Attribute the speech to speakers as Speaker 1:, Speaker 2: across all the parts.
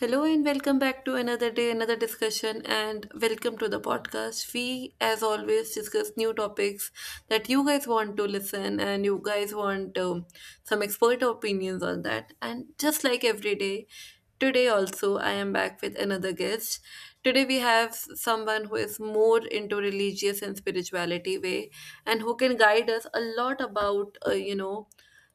Speaker 1: Hello and welcome back to another day, another discussion, and welcome to the podcast. We, as always, discuss new topics that you guys want to listen and you guys want some expert opinions on that. And just like every day, today also, I am back with another guest. Today, we have someone who is more into religious and spirituality way and who can guide us a lot about, you know,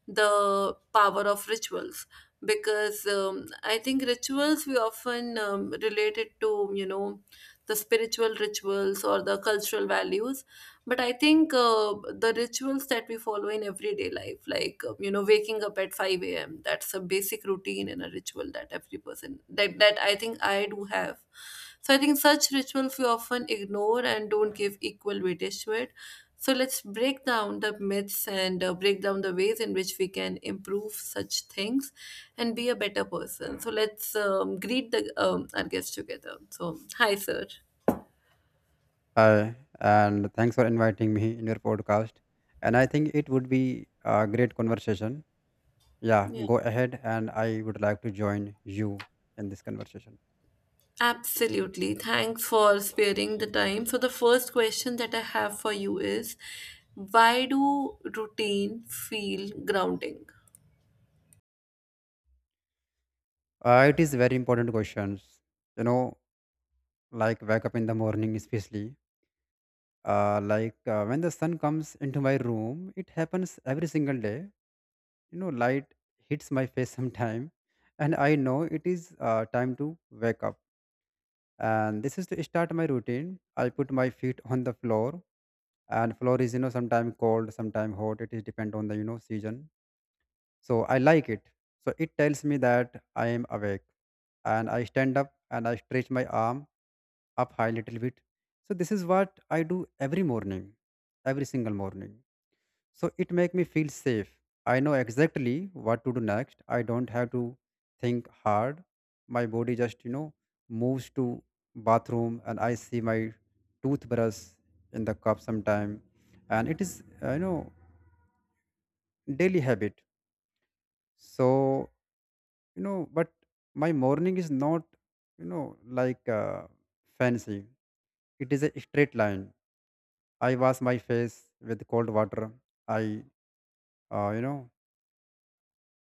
Speaker 1: the power of rituals because I think rituals we often relate it to you know the spiritual rituals or the cultural values, but I think the rituals that we follow in everyday life, like you know, waking up at five a.m. That's a basic routine and a ritual that every person that I think I do have. So I think such rituals we often ignore and don't give equal weightage to it, so let's break down the myths and break down the ways in which we can improve such things and be a better person. So let's greet the our guests together. So hi, sir.
Speaker 2: Hi, and thanks for inviting me in your podcast. And I think it would be a great conversation. Yeah,
Speaker 1: Yeah,
Speaker 2: go ahead, and I would like to join you in this conversation.
Speaker 1: absolutely. Thanks for sparing the time. So the first question that I have for you is, why do routine feel grounding?
Speaker 2: It is very important questions. You know, like wake up in the morning, especially. Like when the sun comes into my room, it happens every single day. You know, light hits my face sometime, and I know it is time to wake up. And this is to start my routine. I put my feet on the floor, and floor is, you know, sometimes cold, sometimes hot. It is depend on the, you know, season, so I like it. So it tells me that I am awake, and I stand up and I stretch my arm up high little bit. So this is what I do every morning, every single morning. So it make me feel safe. I know exactly what to do next. I don't have to think hard. My body just, you know, moves to bathroom, and I see my toothbrush in the cup sometime. And it is, you know, daily habit. So, you know, but my morning is not, you know, like fancy. It is a straight line. I wash my face with cold water. I, you know,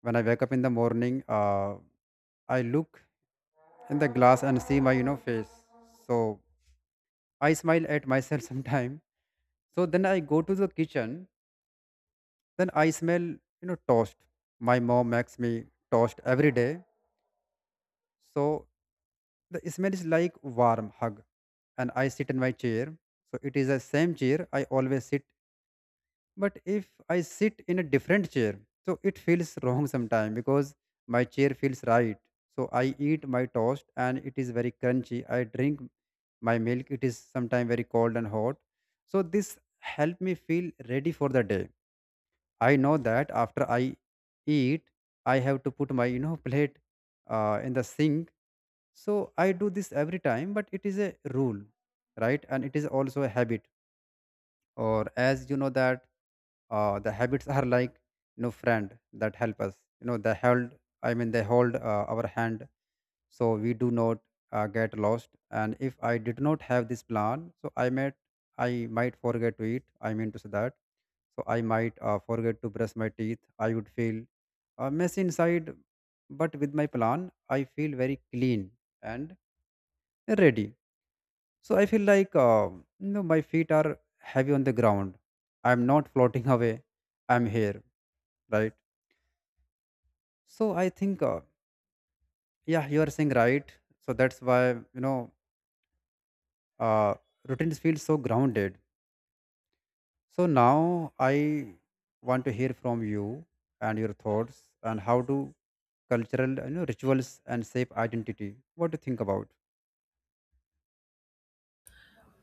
Speaker 2: when I wake up in the morning, I look in the glass and see my, you know, face. So I smile at myself sometime. So then I go to the kitchen. Then I smell, you know, toast. My mom makes me toast every day. So the smell is like warm hug. And I sit in my chair. So it is the same chair I always sit. But if I sit in a different chair, so it feels wrong sometime because my chair feels right. So I eat my toast and it is very crunchy. I drink my milk, it is sometimes very cold and hot. So this help me feel ready for the day. I know that after I eat, I have to put my, you know, plate in the sink. So I do this every time, but it is a rule, right? And it is also a habit. Or as you know that the habits are like, you know, friend that help us, you know, they hold, I mean they hold our hand, so we do not get lost. And if I did not have this plan, so I might, I might forget to eat, I mean to say that. So I might forget to brush my teeth. I would feel a mess inside, but with my plan I feel very clean and ready. So I feel like you know, my feet are heavy on the ground. I'm not floating away. I'm here, right? So I think yeah, you are saying right. So that's why, you know, uh, routines feel so grounded. So now I want to hear from you and your thoughts, and how do cultural, you know, rituals and shape identity. What do you think about?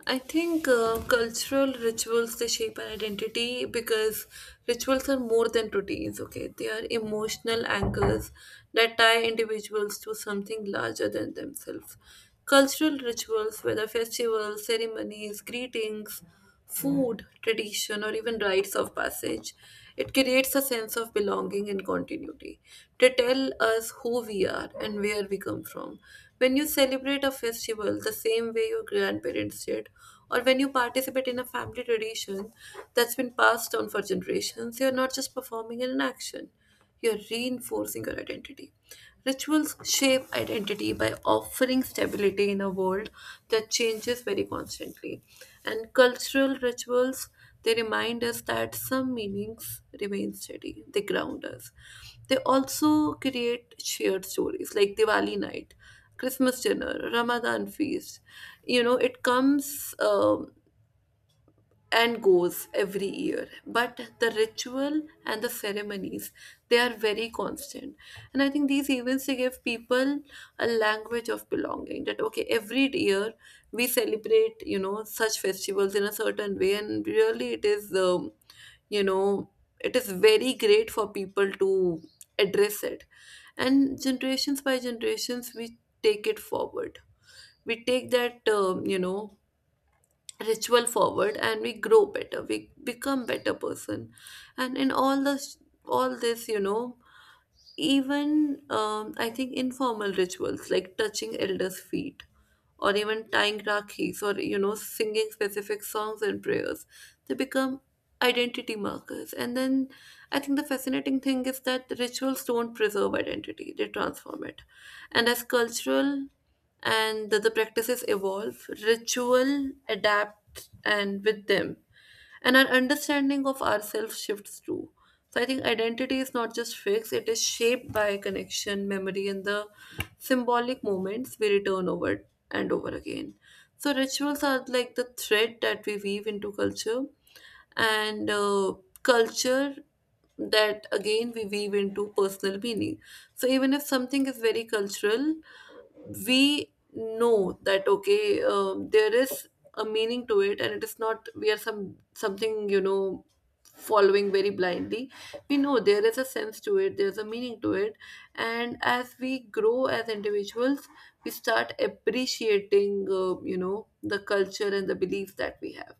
Speaker 1: I think cultural rituals, they shape our identity because rituals are more than routines. Okay, they are emotional anchors that tie individuals to something larger than themselves. Cultural rituals, whether festivals, ceremonies, greetings, food, tradition, or even rites of passage. It creates a sense of belonging and continuity. They tell us who we are and where we come from. When you celebrate a festival the same way your grandparents did, or when you participate in a family tradition that's been passed down for generations, you're not just performing an action. You're reinforcing your identity. Rituals shape identity by offering stability in a world that changes very constantly. And cultural rituals, they remind us that some meanings remain steady, they ground us. They also create shared stories like Diwali night, Christmas dinner, Ramadan feast. You know, it comes and goes every year, but the ritual and the ceremonies, they are very constant. And I think these events, they give people a language of belonging, that okay, every year we celebrate, you know, such festivals in a certain way, and really it is you know, it is very great for people to address it, and generations by generations we take it forward. We take that you know, ritual forward, and we grow better, we become better person. And in all this, you know, even I think informal rituals like touching elders feet or even tying rakhis or, you know, singing specific songs and prayers, they become identity markers. And then I think the fascinating thing is that rituals don't preserve identity, they transform it. And as cultural and the practices evolve, ritual adapt and with them, and our understanding of ourselves shifts too. So I think identity is not just fixed, it is shaped by connection, memory, and the symbolic moments we return over and over again. So rituals are like the thread that we weave into culture, and culture that again we weave into personal meaning. So even if something is very cultural, we know that okay, there is a meaning to it, and it is not we are something, you know, following very blindly. We know there is a sense to it, there's a meaning to it. And as we grow as individuals, we start appreciating, you know, the culture and the beliefs that we have.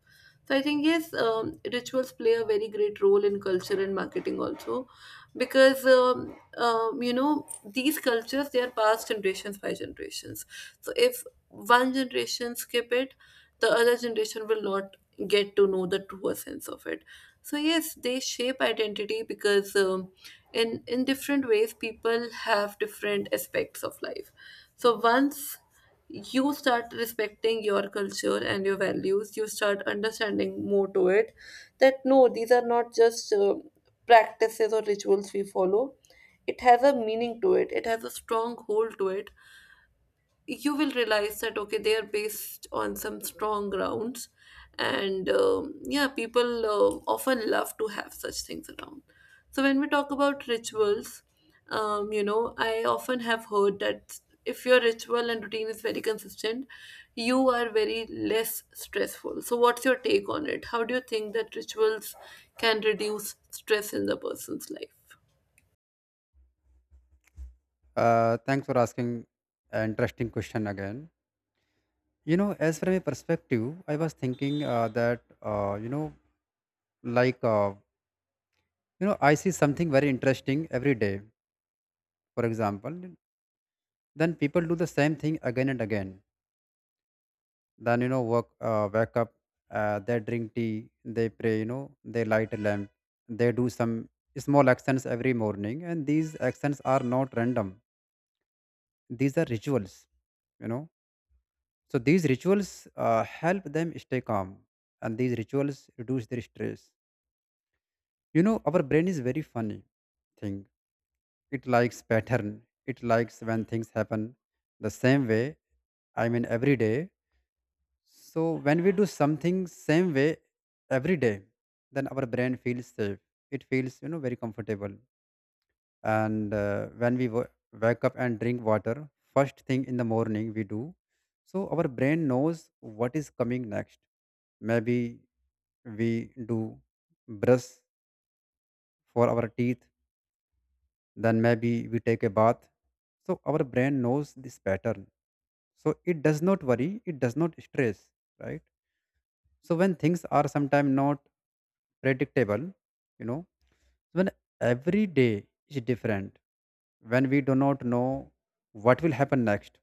Speaker 1: So I think yes, rituals play a very great role in culture and marketing also, because you know, these cultures, they are passed generations by generations. So if one generation skip it, the other generation will not get to know the true sense of it. So yes, they shape identity because in different ways people have different aspects of life. So once you start respecting your culture and your values, you start understanding more to it, that no, these are not just practices or rituals we follow, it has a meaning to it, it has a strong hold to it. You will realize that okay, they are based on some strong grounds. And yeah, people often love to have such things around. So when we talk about rituals, you know, I often have heard that if your ritual and routine is very consistent, you are very less stressful. So what's your take on it? How do you think that rituals can reduce stress in the person's life?
Speaker 2: Thanks for asking an interesting question again. You know, as from a perspective, I was thinking that you know, like you know, I see something very interesting every day. For example, then people do the same thing again and again. Then, you know, work, wake up, they drink tea, they pray, you know, they light a lamp. They do some small actions every morning, and these actions are not random. These are rituals, you know. So these rituals help them stay calm, and these rituals reduce their stress. You know, our brain is very funny thing. It likes pattern. It likes when things happen the same way, I mean every day. So when we do something same way every day, then our brain feels safe. It feels, you know, very comfortable. And when we wake up and drink water first thing in the morning, we do. So our brain knows what is coming next. Maybe we do brush for our teeth. Then maybe we take a bath. So our brain knows this pattern. So it does not worry. It does not stress. Right. So when things are sometimes not predictable, you know. So when every day is different, when we do not know what will happen next.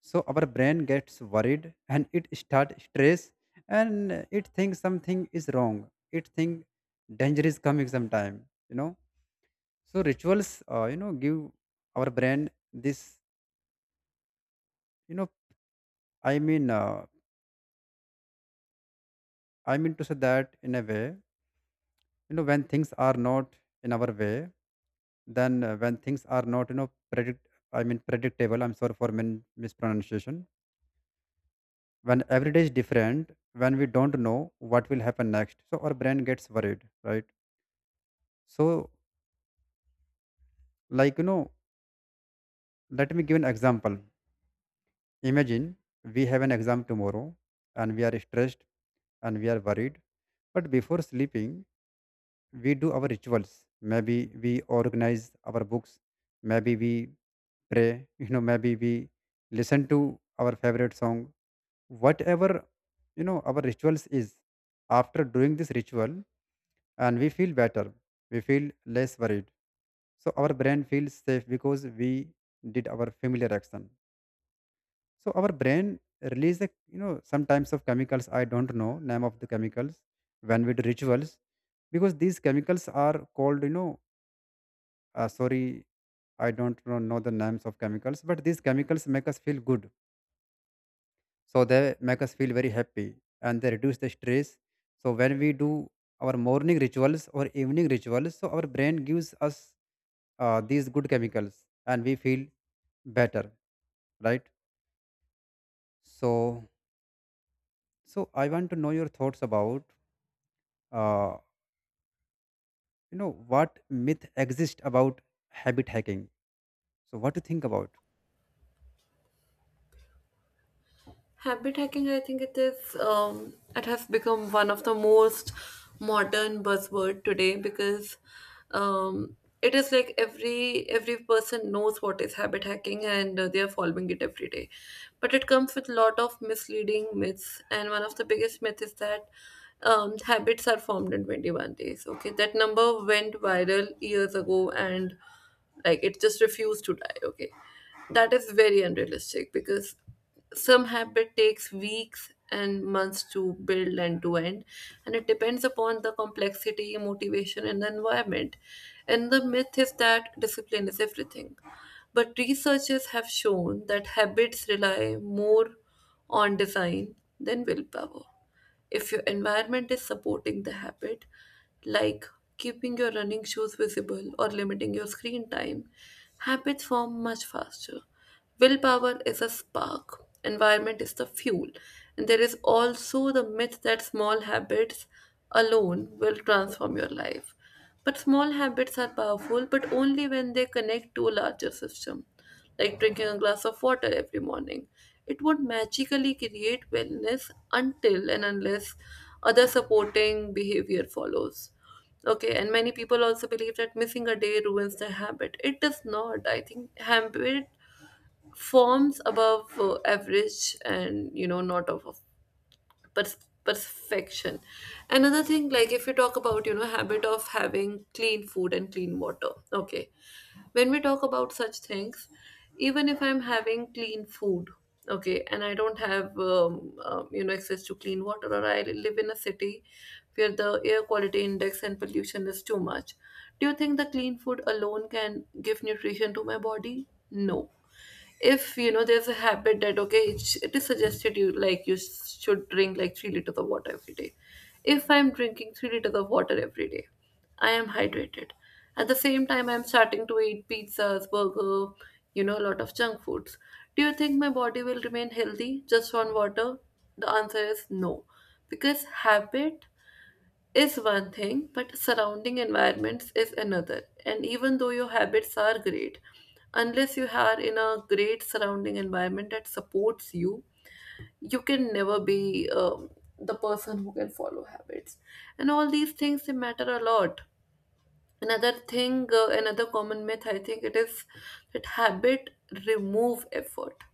Speaker 2: So our brain gets worried and it start stress, and it thinks something is wrong. It think danger is coming sometime, you know. So rituals, you know, give our brain this, you know, I mean, uh, I mean to say that in a way, you know, when things are not in our way. Then when things are not, you know, predictable, I'm sorry for mispronunciation. When every day is different, when we don't know what will happen next, so our brain gets worried, right? So, like you know, let me give an example. Imagine we have an exam tomorrow and we are stressed and we are worried. But before sleeping, we do our rituals. Maybe we organize our books, maybe we pray, you know, maybe we listen to our favorite song, whatever, you know, our rituals is. After doing this ritual, and we feel better, we feel less worried. So our brain feels safe because we did our familiar action. So our brain release the, you know, some types of chemicals. I don't know name of the chemicals. When we do rituals, because these chemicals are called, you know, sorry, I don't know the names of chemicals, but these chemicals make us feel good. So they make us feel very happy, and they reduce the stress. So when we do our morning rituals or evening rituals, so our brain gives us these good chemicals, and we feel better, right? So, so I want to know your thoughts about uh, you know, what myth exist about habit hacking. So what do you think about?
Speaker 1: Habit hacking, I think it is, it has become one of the most modern buzzword today because um, it is like every person knows what is habit hacking, and they are following it every day. But it comes with a lot of misleading myths, and one of the biggest myth is that habits are formed in 21 days. Okay, that number went viral years ago and like it just refused to die, okay. That is very unrealistic because some habit takes weeks and months to build and to end, and it depends upon the complexity, motivation, and the environment. And the myth is that discipline is everything, but researchers have shown that habits rely more on design than willpower. If your environment is supporting the habit, like keeping your running shoes visible or limiting your screen time, habits form much faster. Willpower is a spark, environment is the fuel, and there is also the myth that small habits alone will transform your life. But small habits are powerful, but only when they connect to a larger system, like drinking a glass of water every morning. It would magically create wellness until and unless other supporting behavior follows. Okay, and many people also believe that missing a day ruins the habit. It does not. I think habit forms above average, and you know, not of perfection. Another thing, like if you talk about, you know, habit of having clean food and clean water, okay, when we talk about such things, even if I'm having clean food, okay, and I don't have you know, access to clean water, or I live in a city where the air quality index and pollution is too much, do you think the clean food alone can give nutrition to my body? No. If you know, there's a habit that okay, it is suggested you, like you should drink like 3 liters of water every day. If I'm drinking 3 liters of water every day, I am hydrated. At the same time, I'm starting to eat pizzas, burger, you know, a lot of junk foods. Do you think my body will remain healthy just on water? The answer is no, because habit is one thing, but surrounding environments is another. And even though your habits are great, unless you are in a great surrounding environment that supports you, you can never be the person who can follow habits. And all these things, they matter a lot. Another thing, another common myth, I think it is that habit remove effort.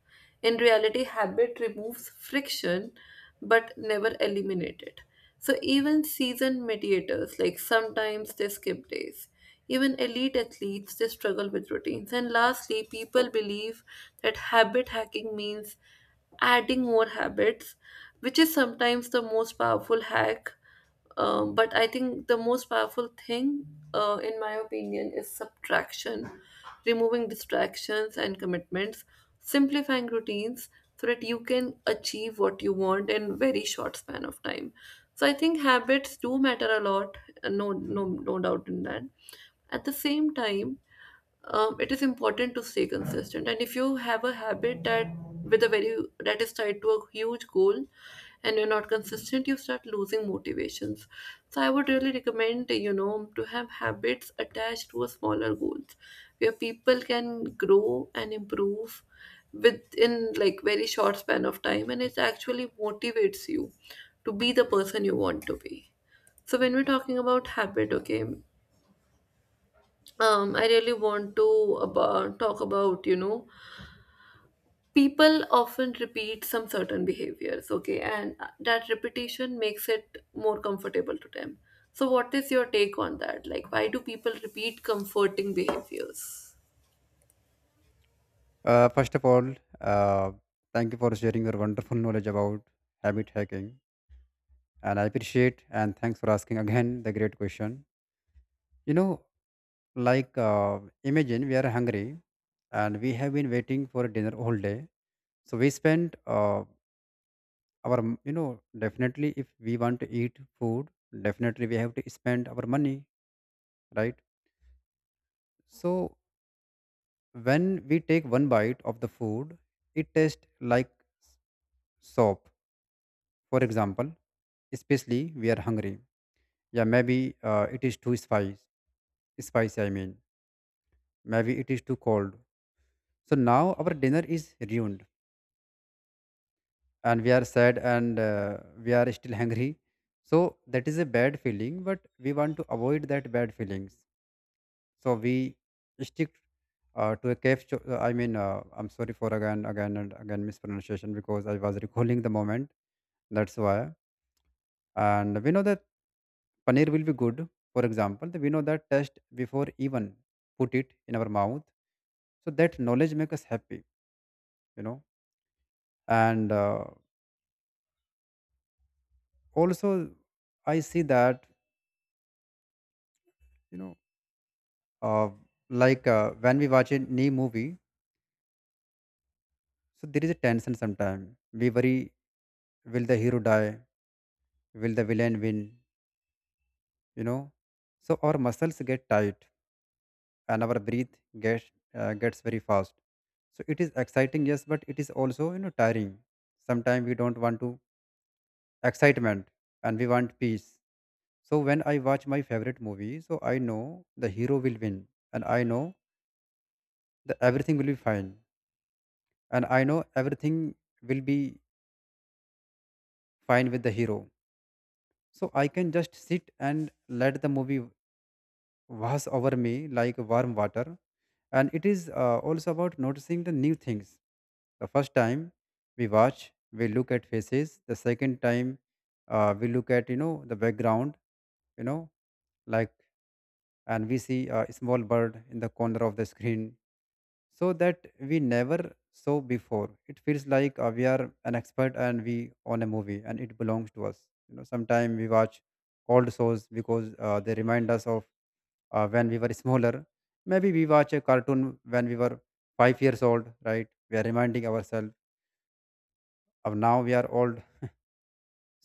Speaker 1: In reality, habit removes friction but never eliminate it. So even seasoned mediators, like sometimes they skip days. Even elite athletes, they struggle with routines. And lastly, people believe that habit hacking means adding more habits, which is sometimes the most powerful hack, but I think the most powerful thing, in my opinion, is subtraction, removing distractions and commitments, simplifying routines so that you can achieve what you want in very short span of time. So I think habits do matter a lot, no doubt in that. At the same time, it is important to stay consistent, and if you have a habit that with a very that is tied to a huge goal and you're not consistent, you start losing motivations. So I would really recommend, you know, to have habits attached to a smaller goals where people can grow and improve within like very short span of time, and it actually motivates you to be the person you want to be. So when we're talking about habit, okay, I really want to talk about, you know, people often repeat some certain behaviors, okay, and that repetition makes it more comfortable to them. So what is your take on that? Like, why do people repeat comforting behaviors?
Speaker 2: First of all, uh, thank you for sharing your wonderful knowledge about habit hacking, and I appreciate and thanks for asking again the great question. You know, like, imagine we are hungry and we have been waiting for dinner all day. So we spend our, you know, definitely if we want to eat food, definitely we have to spend our money, right? So when we take one bite of the food, it tastes like s- soap, for example, especially we are hungry. Yeah, maybe it is too spicy, I mean, maybe it is too cold. So now our dinner is ruined and we are sad, and we are still hungry. So that is a bad feeling, but we want to avoid that bad feelings. So we stick to a cave cho- I mean I'm sorry for again mispronunciation, because I was recalling the moment, that's why. And we know that paneer will be good, for example. We know that taste before even put it in our mouth. So that knowledge make us happy, you know. And also I see that, you know, uh, like when we watch a new movie, so there is a tension. Sometimes we worry, will the hero die, will the villain win, you know. So our muscles get tight, and our breath gets gets very fast. So it is exciting, yes, but it is also, you know, tiring. Sometimes we don't want to excitement and we want peace. So when I watch my favorite movie, so I know the hero will win, and I know that everything will be fine, and I know everything will be fine with the hero. So I can just sit and let the movie wash over me like warm water. And it is also about noticing the new things. The first time we watch, we look at faces. The second time we look at, you know, the background, you know, like, and we see a small bird in the corner of the screen, so that we never saw before. It feels like we are an expert and we own a movie and it belongs to us. You know, sometimes we watch old shows because they remind us of when we were smaller. Maybe we watch a cartoon when we were 5 years old, right? We are reminding ourselves of now we are old,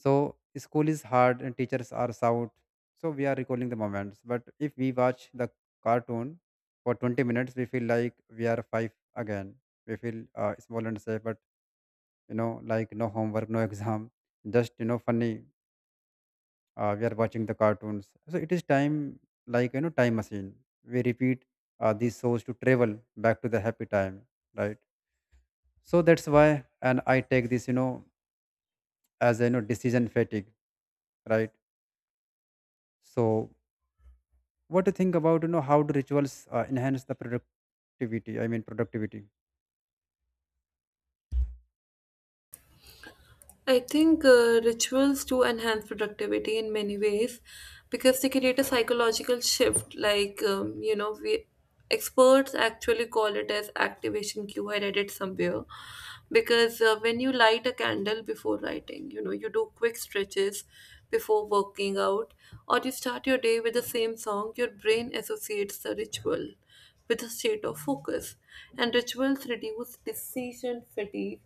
Speaker 2: so school is hard and teachers are shout. So we are recalling the moments. But if we watch the cartoon for 20 minutes, we feel like we are five again. We feel small and safe, but, you know, like no homework, no exam, just, you know, funny. We are watching the cartoons. So it is time, like, you know, time machine. We repeat these shows to travel back to the happy time, right? So that's why, and I take this, as a decision fatigue, right? so What do you think about how do rituals enhance the productivity? I mean productivity.
Speaker 1: I think rituals do enhance productivity in many ways because they create a psychological shift. Like, you know, we experts actually call it as activation cue. I read it somewhere because when you light a candle before writing, you know, you do quick stretches before working out, or you start your day with the same song, your brain associates the ritual with a state of focus, and rituals reduce decision fatigue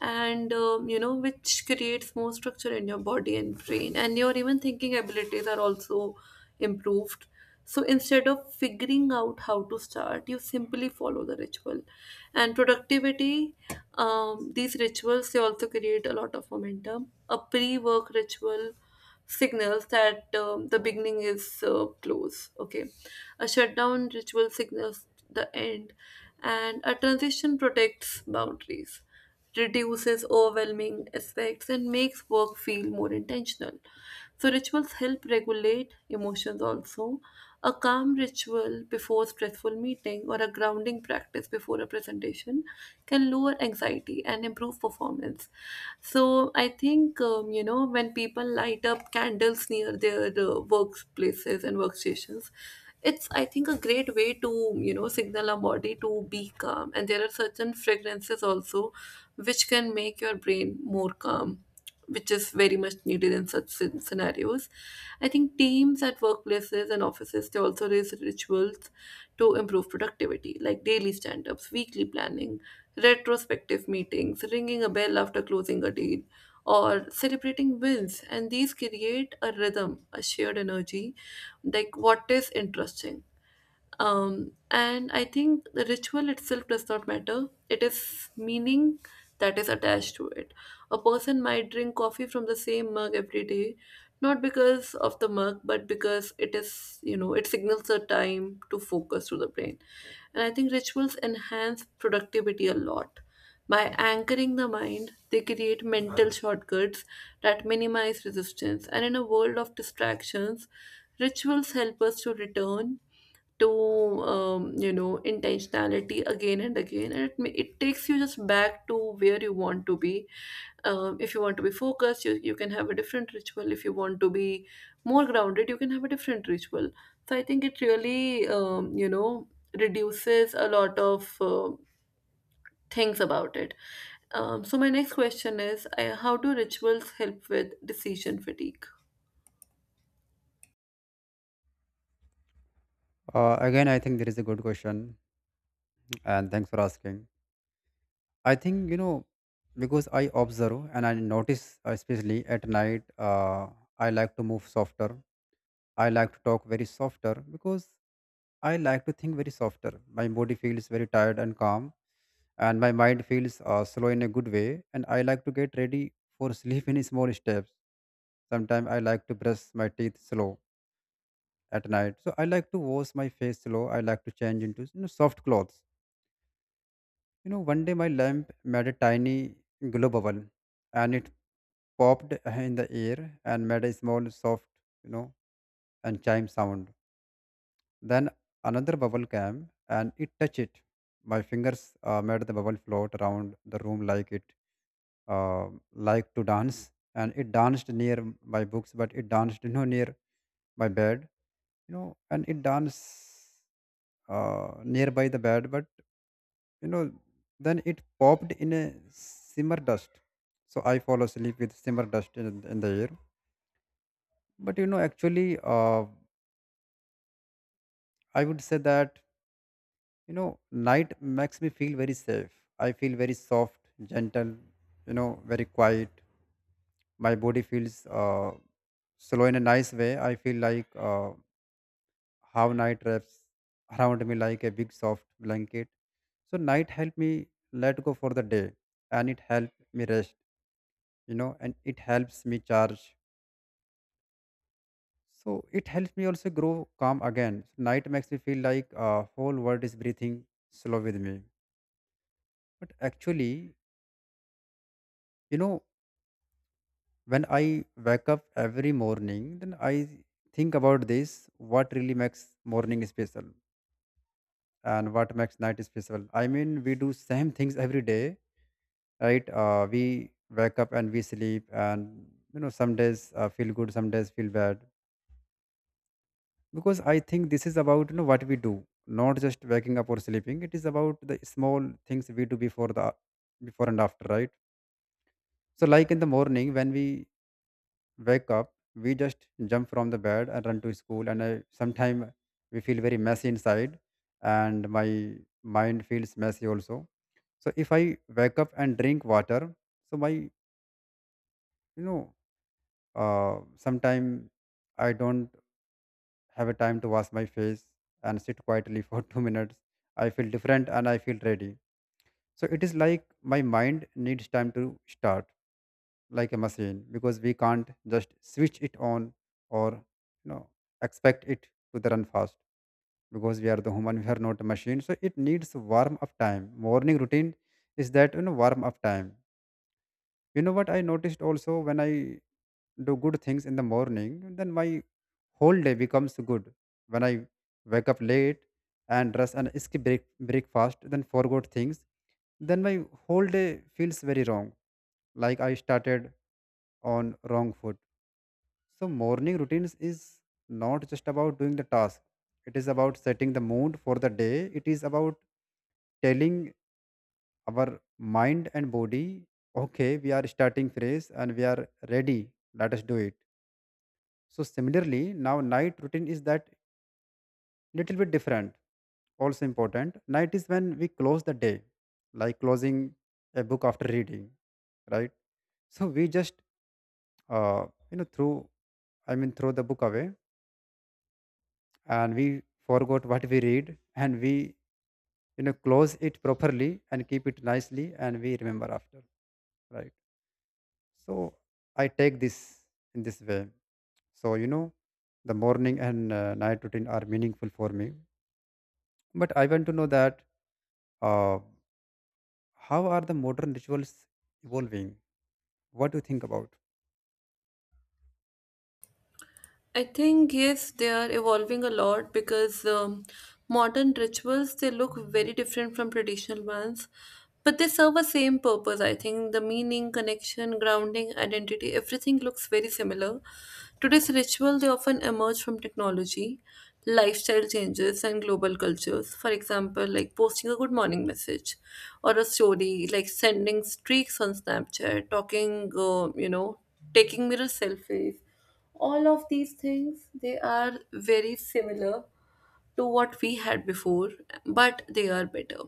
Speaker 1: and which creates more structure in your body and brain and your even thinking abilities are also improved. So instead of figuring out how to start, you simply follow the ritual and productivity. These rituals, they also create a lot of momentum. A pre-work ritual signals that the beginning is close. Okay, a shutdown ritual signals the end, and a transition protects boundaries, reduces overwhelming aspects, and makes work feel more intentional. So, rituals help regulate emotions also. A calm ritual before stressful meeting or a grounding practice before a presentation can lower anxiety and improve performance. So, I think, when people light up candles near their workplaces and workstations, it's I think a great way to signal our body to be calm, and there are certain fragrances also which can make your brain more calm, which is very much needed in such scenarios. I think teams at workplaces and offices, they also raise rituals to improve productivity, like daily stand ups, weekly planning, retrospective meetings, ringing a bell after closing a deal, or celebrating wins. And these create a rhythm, a shared energy, like what is interesting. And I think the ritual itself does not matter. It is meaning that is attached to it. A person might drink coffee from the same mug every day, not because of the mug, but because it is, you know, it signals a time to focus to the brain. And I think rituals enhance productivity a lot. By anchoring the mind, they create mental shortcuts that minimize resistance. And in a world of distractions, rituals help us to return to intentionality again and again, and it, it takes you just back to where you want to be. If you want to be focused, you can have a different ritual. If you want to be more grounded, you can have a different ritual. So I think it really reduces a lot of things about it. So my next question is how do rituals help with decision fatigue?
Speaker 2: Again, I think there is a good question, and thanks for asking. I think because I observe and I notice, especially at night, I like to move softer. I like to talk very softer because I like to think very softer. My body feels very tired and calm, and my mind feels slow in a good way. And I like to get ready for sleep in small steps. Sometimes I like to brush my teeth slow at night. So I like to wash my face slow. I like to change into soft clothes. You know, one day my lamp made a tiny glow bubble, and it popped in the air and made a small soft, you know, and chime sound. Then another bubble came and it touched it. My fingers made the bubble float around the room like it uh, liked to dance. And it danced near my books, but it danced near my bed, and it danced nearby the bed, but you know, then it popped in a simmer dust. So I fall asleep with simmer dust in the air. But actually, I would say that you know night makes me feel very safe. I feel very soft, gentle, very quiet. My body feels slow in a nice way. I feel like how night wraps around me like a big soft blanket. So night helped me let go for the day, and it helped me rest, and it helps me charge. So it helps me also grow calm again. So, night makes me feel like whole world is breathing slow with me. But actually, you know when I wake up every morning, then I think about this, what really makes morning special and what makes night special. I mean, we do same things every day, right? We wake up and we sleep, and some days feel good, some days feel bad. Because I think this is about what we do, not just waking up or sleeping. It is about the small things we do before the before and after, right? So, like in the morning when we wake up, we just jump from the bed and run to school, and I, sometime we feel very messy inside, and my mind feels messy also. So if I wake up and drink water, so my know sometime I don't have a time to wash my face and sit quietly for 2 minutes, I feel different and I feel ready. So it is like my mind needs time to start like a machine, because we can't just switch it on or you know expect it to the run fast, because we are the human, we are not a machine, so it needs warm up time. Morning routine is that warm up time. You know what I noticed also, when I do good things in the morning, then my whole day becomes good. When I wake up late and dress and breakfast, then forgot things, then my whole day feels very wrong, like I started on wrong foot. So, morning routines is not just about doing the task, it is about setting the mood for the day. It is about telling our mind and body, okay, we are starting fresh and we are ready, let us do it. So, similarly, now night routine is that little bit different, also important. Night is when we close the day, like closing a book after reading, right? So, we just, throw, I mean, throw the book away, and we forgot what we read, and we close it properly and keep it nicely, and we remember after, right? So I take this in this way. So the morning and night routine are meaningful for me, but I want to know that uh, how are the modern rituals evolving? What do you think about?
Speaker 1: I think yes, they are evolving a lot because modern rituals, they look very different from traditional ones, but they serve a same purpose. I think the meaning, connection, grounding, identity, everything looks very similar. Today's ritual, they often emerge from technology, lifestyle changes, and global cultures. For example, like posting a good morning message or a story, like sending streaks on Snapchat, talking, you know, taking mirror selfies, all of these things, they are very similar to what we had before, but they are better.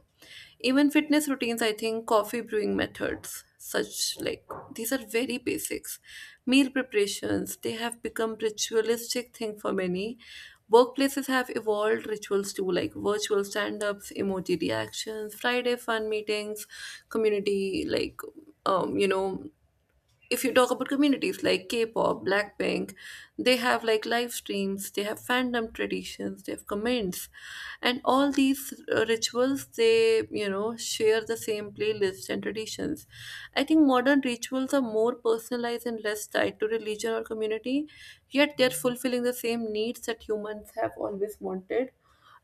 Speaker 1: Even fitness routines, I think coffee brewing methods, such like these are very basics. Meal preparations, they have become ritualistic thing for many. Workplaces have evolved rituals too, like virtual stand-ups, emoji reactions, Friday fun meetings, community, like you know, if you talk about communities like K-pop, Blackpink, they have like live streams, they have fandom traditions, they have comments, and all these rituals, they you know share the same playlists and traditions. I think modern rituals are more personalized and less tied to religion or community, yet they're fulfilling the same needs that humans have always wanted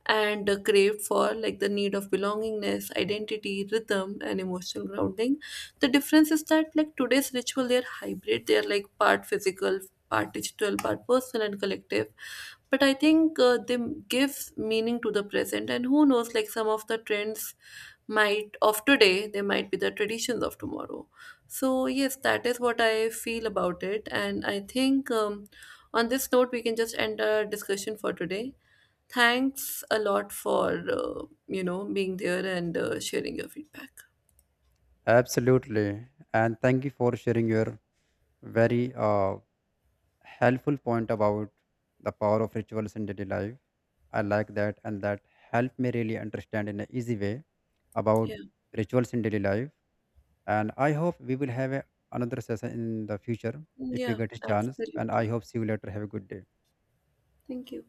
Speaker 1: and craved for, like the need of belongingness, identity, rhythm, and emotional grounding. The difference is that like today's ritual, they're hybrid, they're like part physical, part digital, part personal and collective. But I think they give meaning to the present, and who knows, like some of the trends might of today, they might be the traditions of tomorrow. So yes, that is what I feel about it. And I think on this note, we can just end our discussion for today. Thanks a lot for being there and sharing your feedback.
Speaker 2: Absolutely. And thank you for sharing your very helpful point about the power of rituals in daily life. I like that, and that helped me really understand in an easy way
Speaker 1: Yeah,
Speaker 2: about rituals in daily life. And I hope we will have a, another session in the future if you
Speaker 1: yeah,
Speaker 2: get a chance. And I
Speaker 1: absolutely.
Speaker 2: hope see you later. Have a good day.
Speaker 1: Thank you.